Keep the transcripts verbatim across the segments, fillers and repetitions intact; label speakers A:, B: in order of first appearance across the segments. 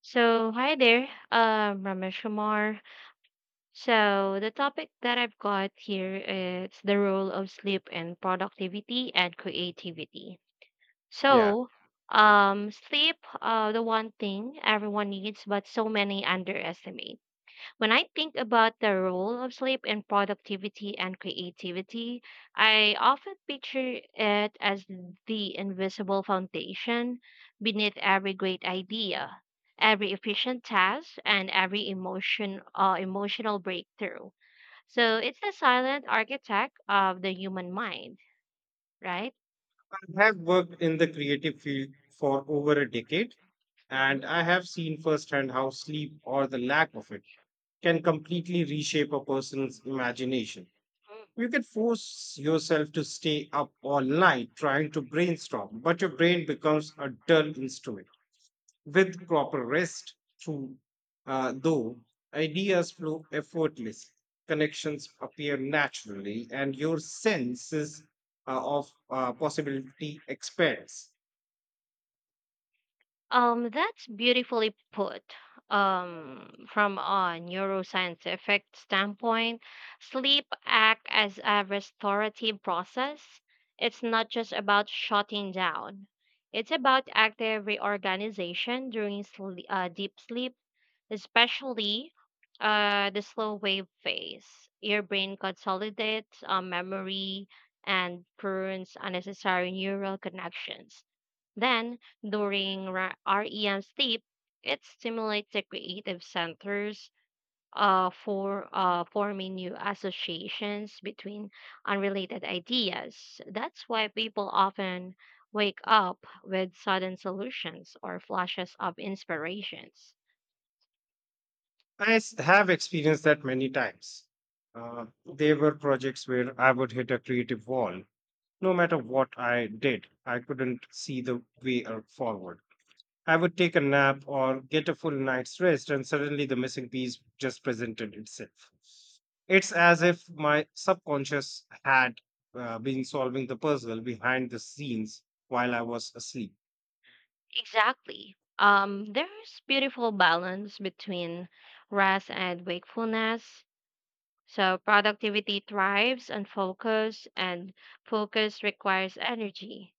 A: So, hi there, um, Ramesh Kumar. So, the topic that I've got here is the role of sleep in productivity and creativity.
B: Yeah,
A: So, um, Sleep, uh, the one thing everyone needs, but so many underestimate. When I think about the role of sleep in productivity and creativity, I often picture it as the invisible foundation beneath every great idea, every efficient task, and every emotion uh, emotional breakthrough. So it's the silent architect of the human mind, right?
B: I have worked in the creative field for over a decade, and I have seen firsthand how sleep or the lack of it can completely reshape a person's imagination. You can force yourself to stay up all night trying to brainstorm, but your brain becomes a dull instrument. With proper rest, through, uh, though, ideas flow effortlessly, connections appear naturally, and your senses uh, of uh, possibility expands.
A: Um, that's beautifully put. Um, from a neuroscientific standpoint, sleep act as a restorative process. It's not just about shutting down. It's about active reorganization during sle- uh, deep sleep especially uh, the slow wave phase. Your brain consolidates uh, memory and prunes unnecessary neural connections. Then, during ra- REM sleep, it stimulates the creative centers uh, for uh, forming new associations between unrelated ideas. That's why people often wake up with sudden solutions or flashes of inspirations.
B: I s- have experienced that many times. Uh, there were projects where I would hit a creative wall. No matter what I did, I couldn't see the way uh, forward. I would take a nap or get a full night's rest, and suddenly the missing piece just presented itself. It's as if my subconscious had uh, been solving the puzzle behind the scenes while I was asleep.
A: Exactly. Um, there's beautiful balance between rest and wakefulness. So productivity thrives on focus, and focus requires energy.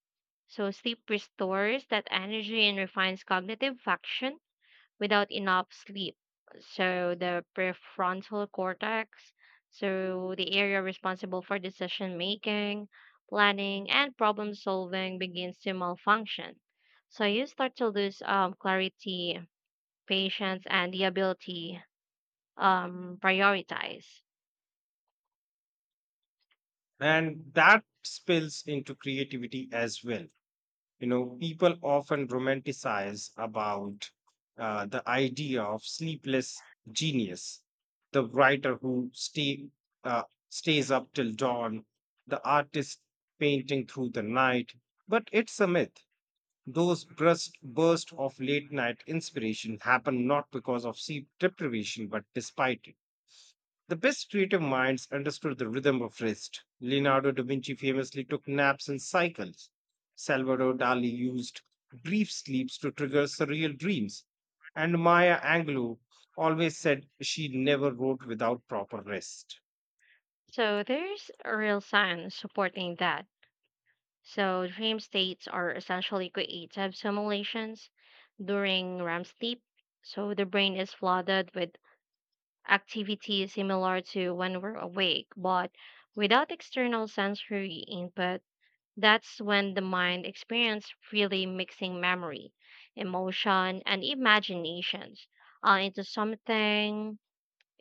A: So sleep restores that energy and refines cognitive function without enough sleep. So the prefrontal cortex, so the area responsible for decision making, planning, and problem solving begins to malfunction. So you start to lose um, clarity, patience, and the ability um prioritize.
B: And that spills into creativity as well. You know, people often romanticize about uh, the idea of sleepless genius, the writer who stay, uh, stays up till dawn, the artist painting through the night. But it's a myth. Those burst, burst of late night inspiration happen not because of sleep deprivation but despite it. The best creative minds understood the rhythm of rest. Leonardo da Vinci famously took naps in cycles. Salvador Dali used brief sleeps to trigger surreal dreams. And Maya Angelou always said she never wrote without proper rest.
A: So there's a real science supporting that. So dream states are essentially creative simulations during REM sleep. So the brain is flooded with activity similar to when we're awake, but without external sensory input. That's when the mind experiences really mixing memory, emotion, and imaginations uh, into something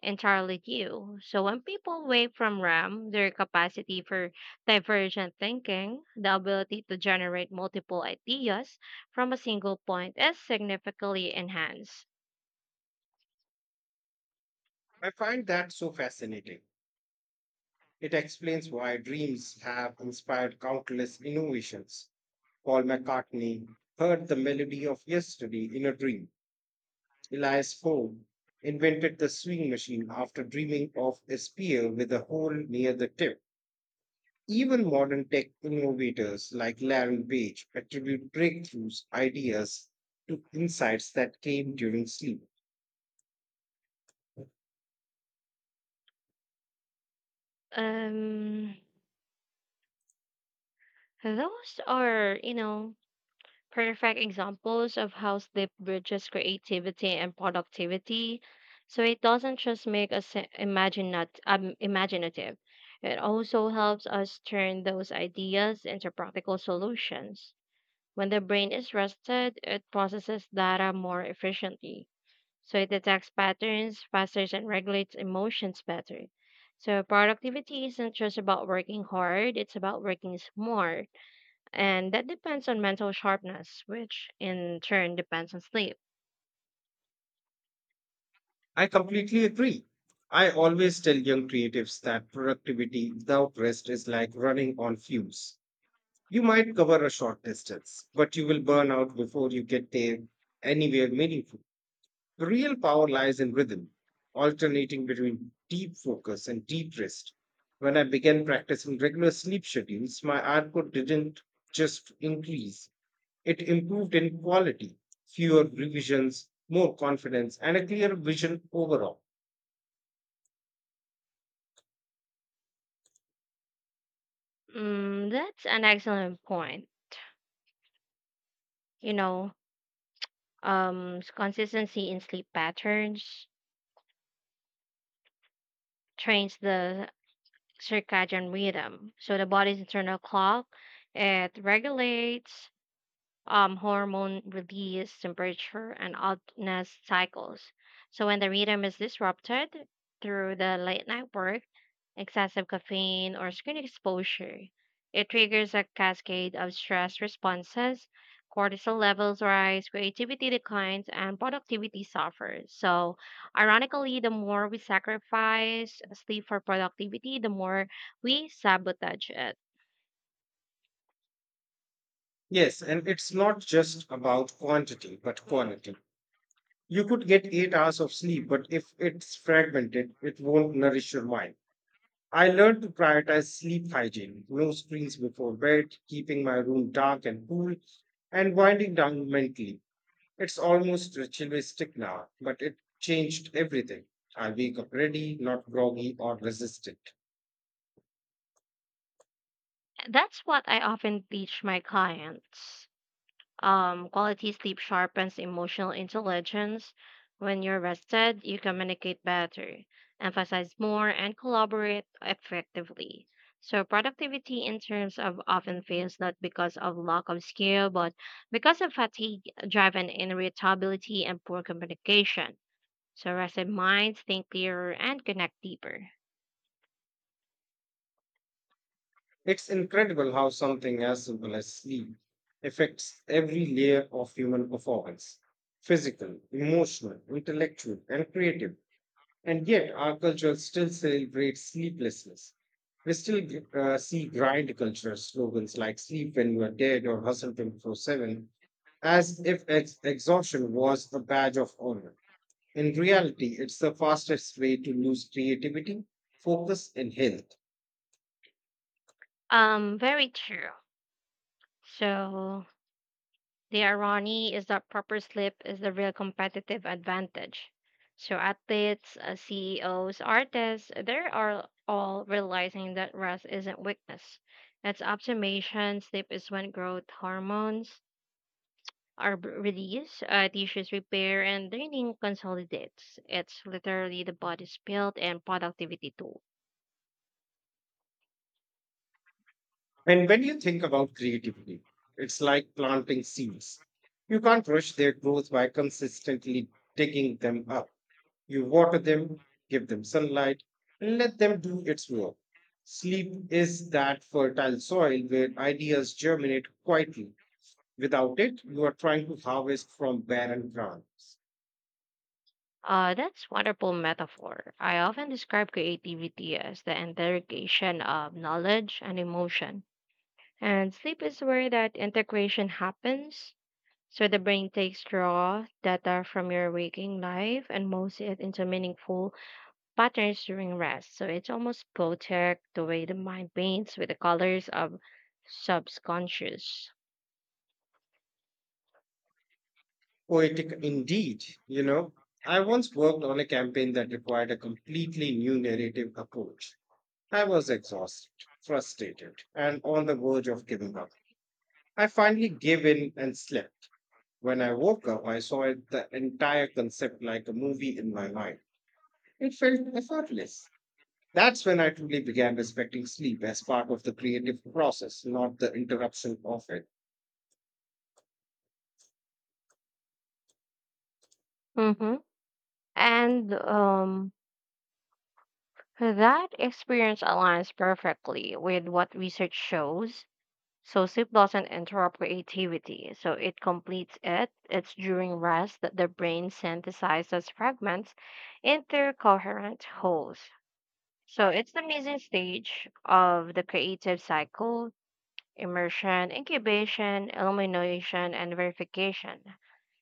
A: entirely new. So when people wake from REM, their capacity for divergent thinking, the ability to generate multiple ideas from a single point, is significantly enhanced.
B: I find that so fascinating. It explains why dreams have inspired countless innovations. Paul McCartney heard the melody of yesterday in a dream. Elias Ford invented the swing machine after dreaming of a spear with a hole near the tip. Even modern tech innovators like Larry Page attribute breakthroughs, ideas to insights that came during sleep.
A: Um, Those are, you know, perfect examples of how sleep bridges creativity and productivity. So it doesn't just make us I- imagine not um, imaginative. It also helps us turn those ideas into practical solutions. When the brain is rested, it processes data more efficiently. So it detects patterns faster and regulates emotions better. So productivity isn't just about working hard, it's about working smart and that depends on mental sharpness, which in turn depends on sleep.
B: I completely agree. I always tell young creatives that productivity without rest is like running on fumes. You might cover a short distance, but you will burn out before you get there anywhere meaningful. The real power lies in rhythm, alternating between deep focus and deep rest. When I began practicing regular sleep schedules, my output didn't just increase, it improved in quality, fewer revisions, more confidence, and a clear vision overall.
A: Mm, that's an excellent point. You know, um, s- Consistency in sleep patterns trains the circadian rhythm. So the body's internal clock, it regulates um, hormone release, temperature, and oddness cycles. So when the rhythm is disrupted through the late night work, excessive caffeine, or screen exposure. It triggers a cascade of stress responses. Cortisol levels rise, creativity declines, and productivity suffers. So, ironically, the more we sacrifice sleep for productivity, the more we sabotage it.
B: Yes, and it's not just about quantity, but
A: Mhm.
B: quality. You could get eight hours of sleep, but if it's fragmented, it won't nourish your mind. I learned to prioritize sleep hygiene, no screens before bed, keeping my room dark and cool, and winding down mentally. It's almost ritualistic now, but it changed everything. I wake up ready, not groggy or resistant.
A: That's what I often teach my clients. Um, quality sleep sharpens emotional intelligence. When you're rested, you communicate better, emphasize more, and collaborate effectively. So, productivity in terms of often fails not because of lack of skill, but because of fatigue, driven irritability, and poor communication. So, rested minds think clearer and connect deeper.
B: It's incredible how something as simple as sleep affects every layer of human performance, physical, emotional, intellectual, and creative. And yet, our culture still celebrates sleeplessness. We still g- uh, see grind culture slogans like "sleep when you are dead" or "hustle twenty-four seven," as if ex- exhaustion was a badge of honor. In reality, it's the fastest way to lose creativity, focus, and health.
A: Um, very true. So, the irony is that proper sleep is the real competitive advantage. So athletes, uh, C E Os, artists, they are all realizing that rest isn't weakness. It's optimization. Sleep is when growth hormones are b- released, uh, tissues repair, and training consolidates. It's literally the body's build and productivity tool.
B: And when you think about creativity, it's like planting seeds. You can't rush their growth by consistently digging them up. You water them, give them sunlight, and let them do its work. Sleep is that fertile soil where ideas germinate quietly. Without it, you are trying to harvest from barren grounds.
A: Uh, that's wonderful metaphor. I often describe creativity as the interrogation of knowledge and emotion. And sleep is where that integration happens. So the brain takes raw data from your waking life and molds it into meaningful patterns during rest. So it's almost poetic the way the mind paints with the colors of subconscious.
B: Poetic indeed, you know. I once worked on a campaign that required a completely new narrative approach. I was exhausted, frustrated, and on the verge of giving up. I finally gave in and slept. When I woke up, I saw it, the entire concept like a movie in my mind. It felt effortless. That's when I truly began respecting sleep as part of the creative process, not the interruption of it.
A: Mm-hmm. And um, that experience aligns perfectly with what research shows. So sleep doesn't interrupt creativity, so it completes it. It's during rest that the brain synthesizes fragments into coherent wholes. So it's the amazing stage of the creative cycle, immersion, incubation, illumination, and verification.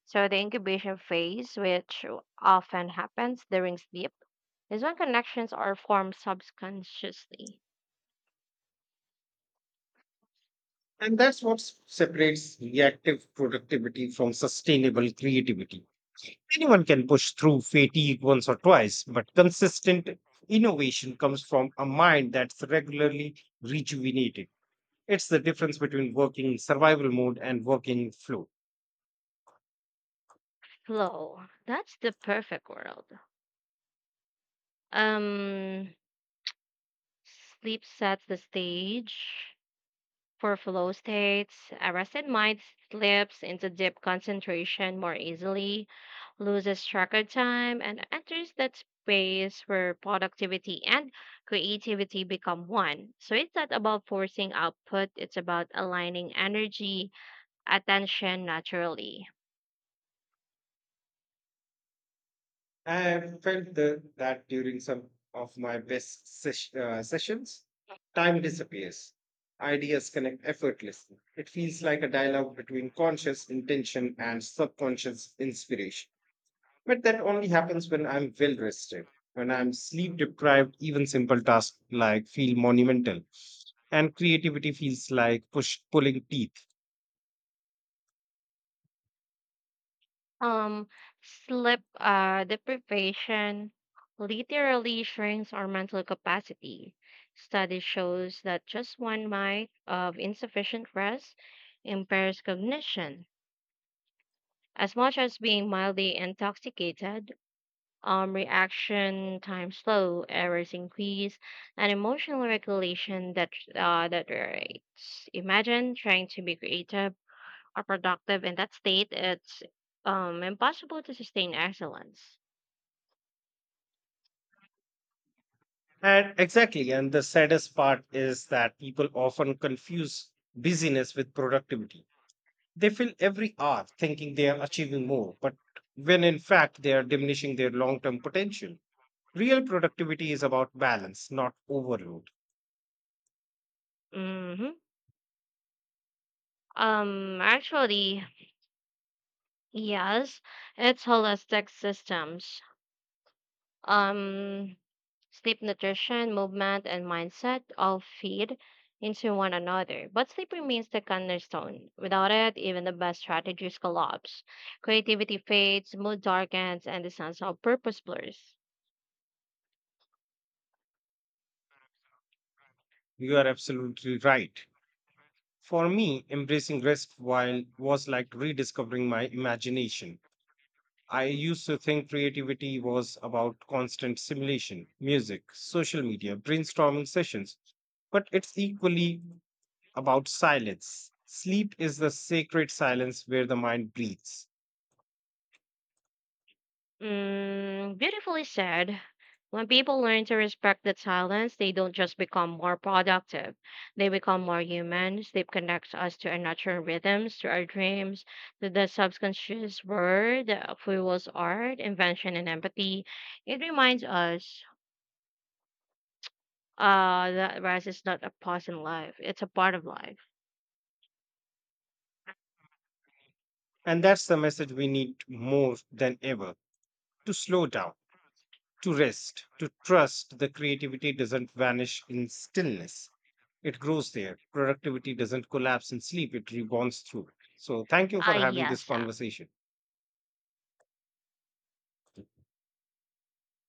A: So the incubation phase, which often happens during sleep, is when connections are formed subconsciously.
B: And that's what s- separates reactive productivity from sustainable creativity. Anyone can push through fatigue once or twice, but consistent innovation comes from a mind that's regularly rejuvenated. It's the difference between working in survival mode and working in flow.
A: Flow. That's the perfect world. Um Sleep sets the stage for flow states. A rested mind slips into deep concentration more easily, loses track of time, and enters that space where productivity and creativity become one. So it's not about forcing output, it's about aligning energy, attention naturally.
B: I have felt the, that during some of my best sesh, uh, sessions, time disappears. Ideas connect effortlessly. It feels like a dialogue between conscious intention and subconscious inspiration. But that only happens when I'm well rested. When I'm sleep deprived, even simple tasks like feel monumental and creativity feels like push pulling teeth.
A: Um, sleep uh, deprivation literally shrinks our mental capacity. Study shows that just one night of insufficient rest impairs cognition as much as being mildly intoxicated. Um, reaction time slow, errors increase, and emotional regulation that uh, that deteriorates. Imagine trying to be creative are productive in that state, it's um impossible to sustain excellence.
B: And exactly, and the saddest part is that people often confuse busyness with productivity. They fill every hour thinking they are achieving more, but when in fact they are diminishing their long term potential. Real productivity is about balance, not overload.
A: hmm Um, actually, yes, it's holistic systems. Um, Sleep, nutrition, movement, and mindset all feed into one another. But sleep remains the cornerstone. Without it, even the best strategies collapse. Creativity fades, mood darkens, and the sense of purpose blurs.
B: You are absolutely right. For me, embracing rest while was like rediscovering my imagination. I used to think creativity was about constant simulation, music, social media, brainstorming sessions, but it's equally about silence. Sleep is the sacred silence where the mind breathes.
A: Mm, beautifully said. When people learn to respect the silence, they don't just become more productive. They become more humans. They connect us to our natural rhythms, to our dreams, to the subconscious world that fuels art, invention, and empathy. It reminds us uh, that rest is not a pause in life, it's a part of life.
B: And that's the message we need more than ever, to slow down, to rest, to trust the creativity doesn't vanish in stillness. It grows there. Productivity doesn't collapse in sleep, it rebounds through. So, thank you
A: Ah,
B: for having this
A: yes. uh,
B: conversation.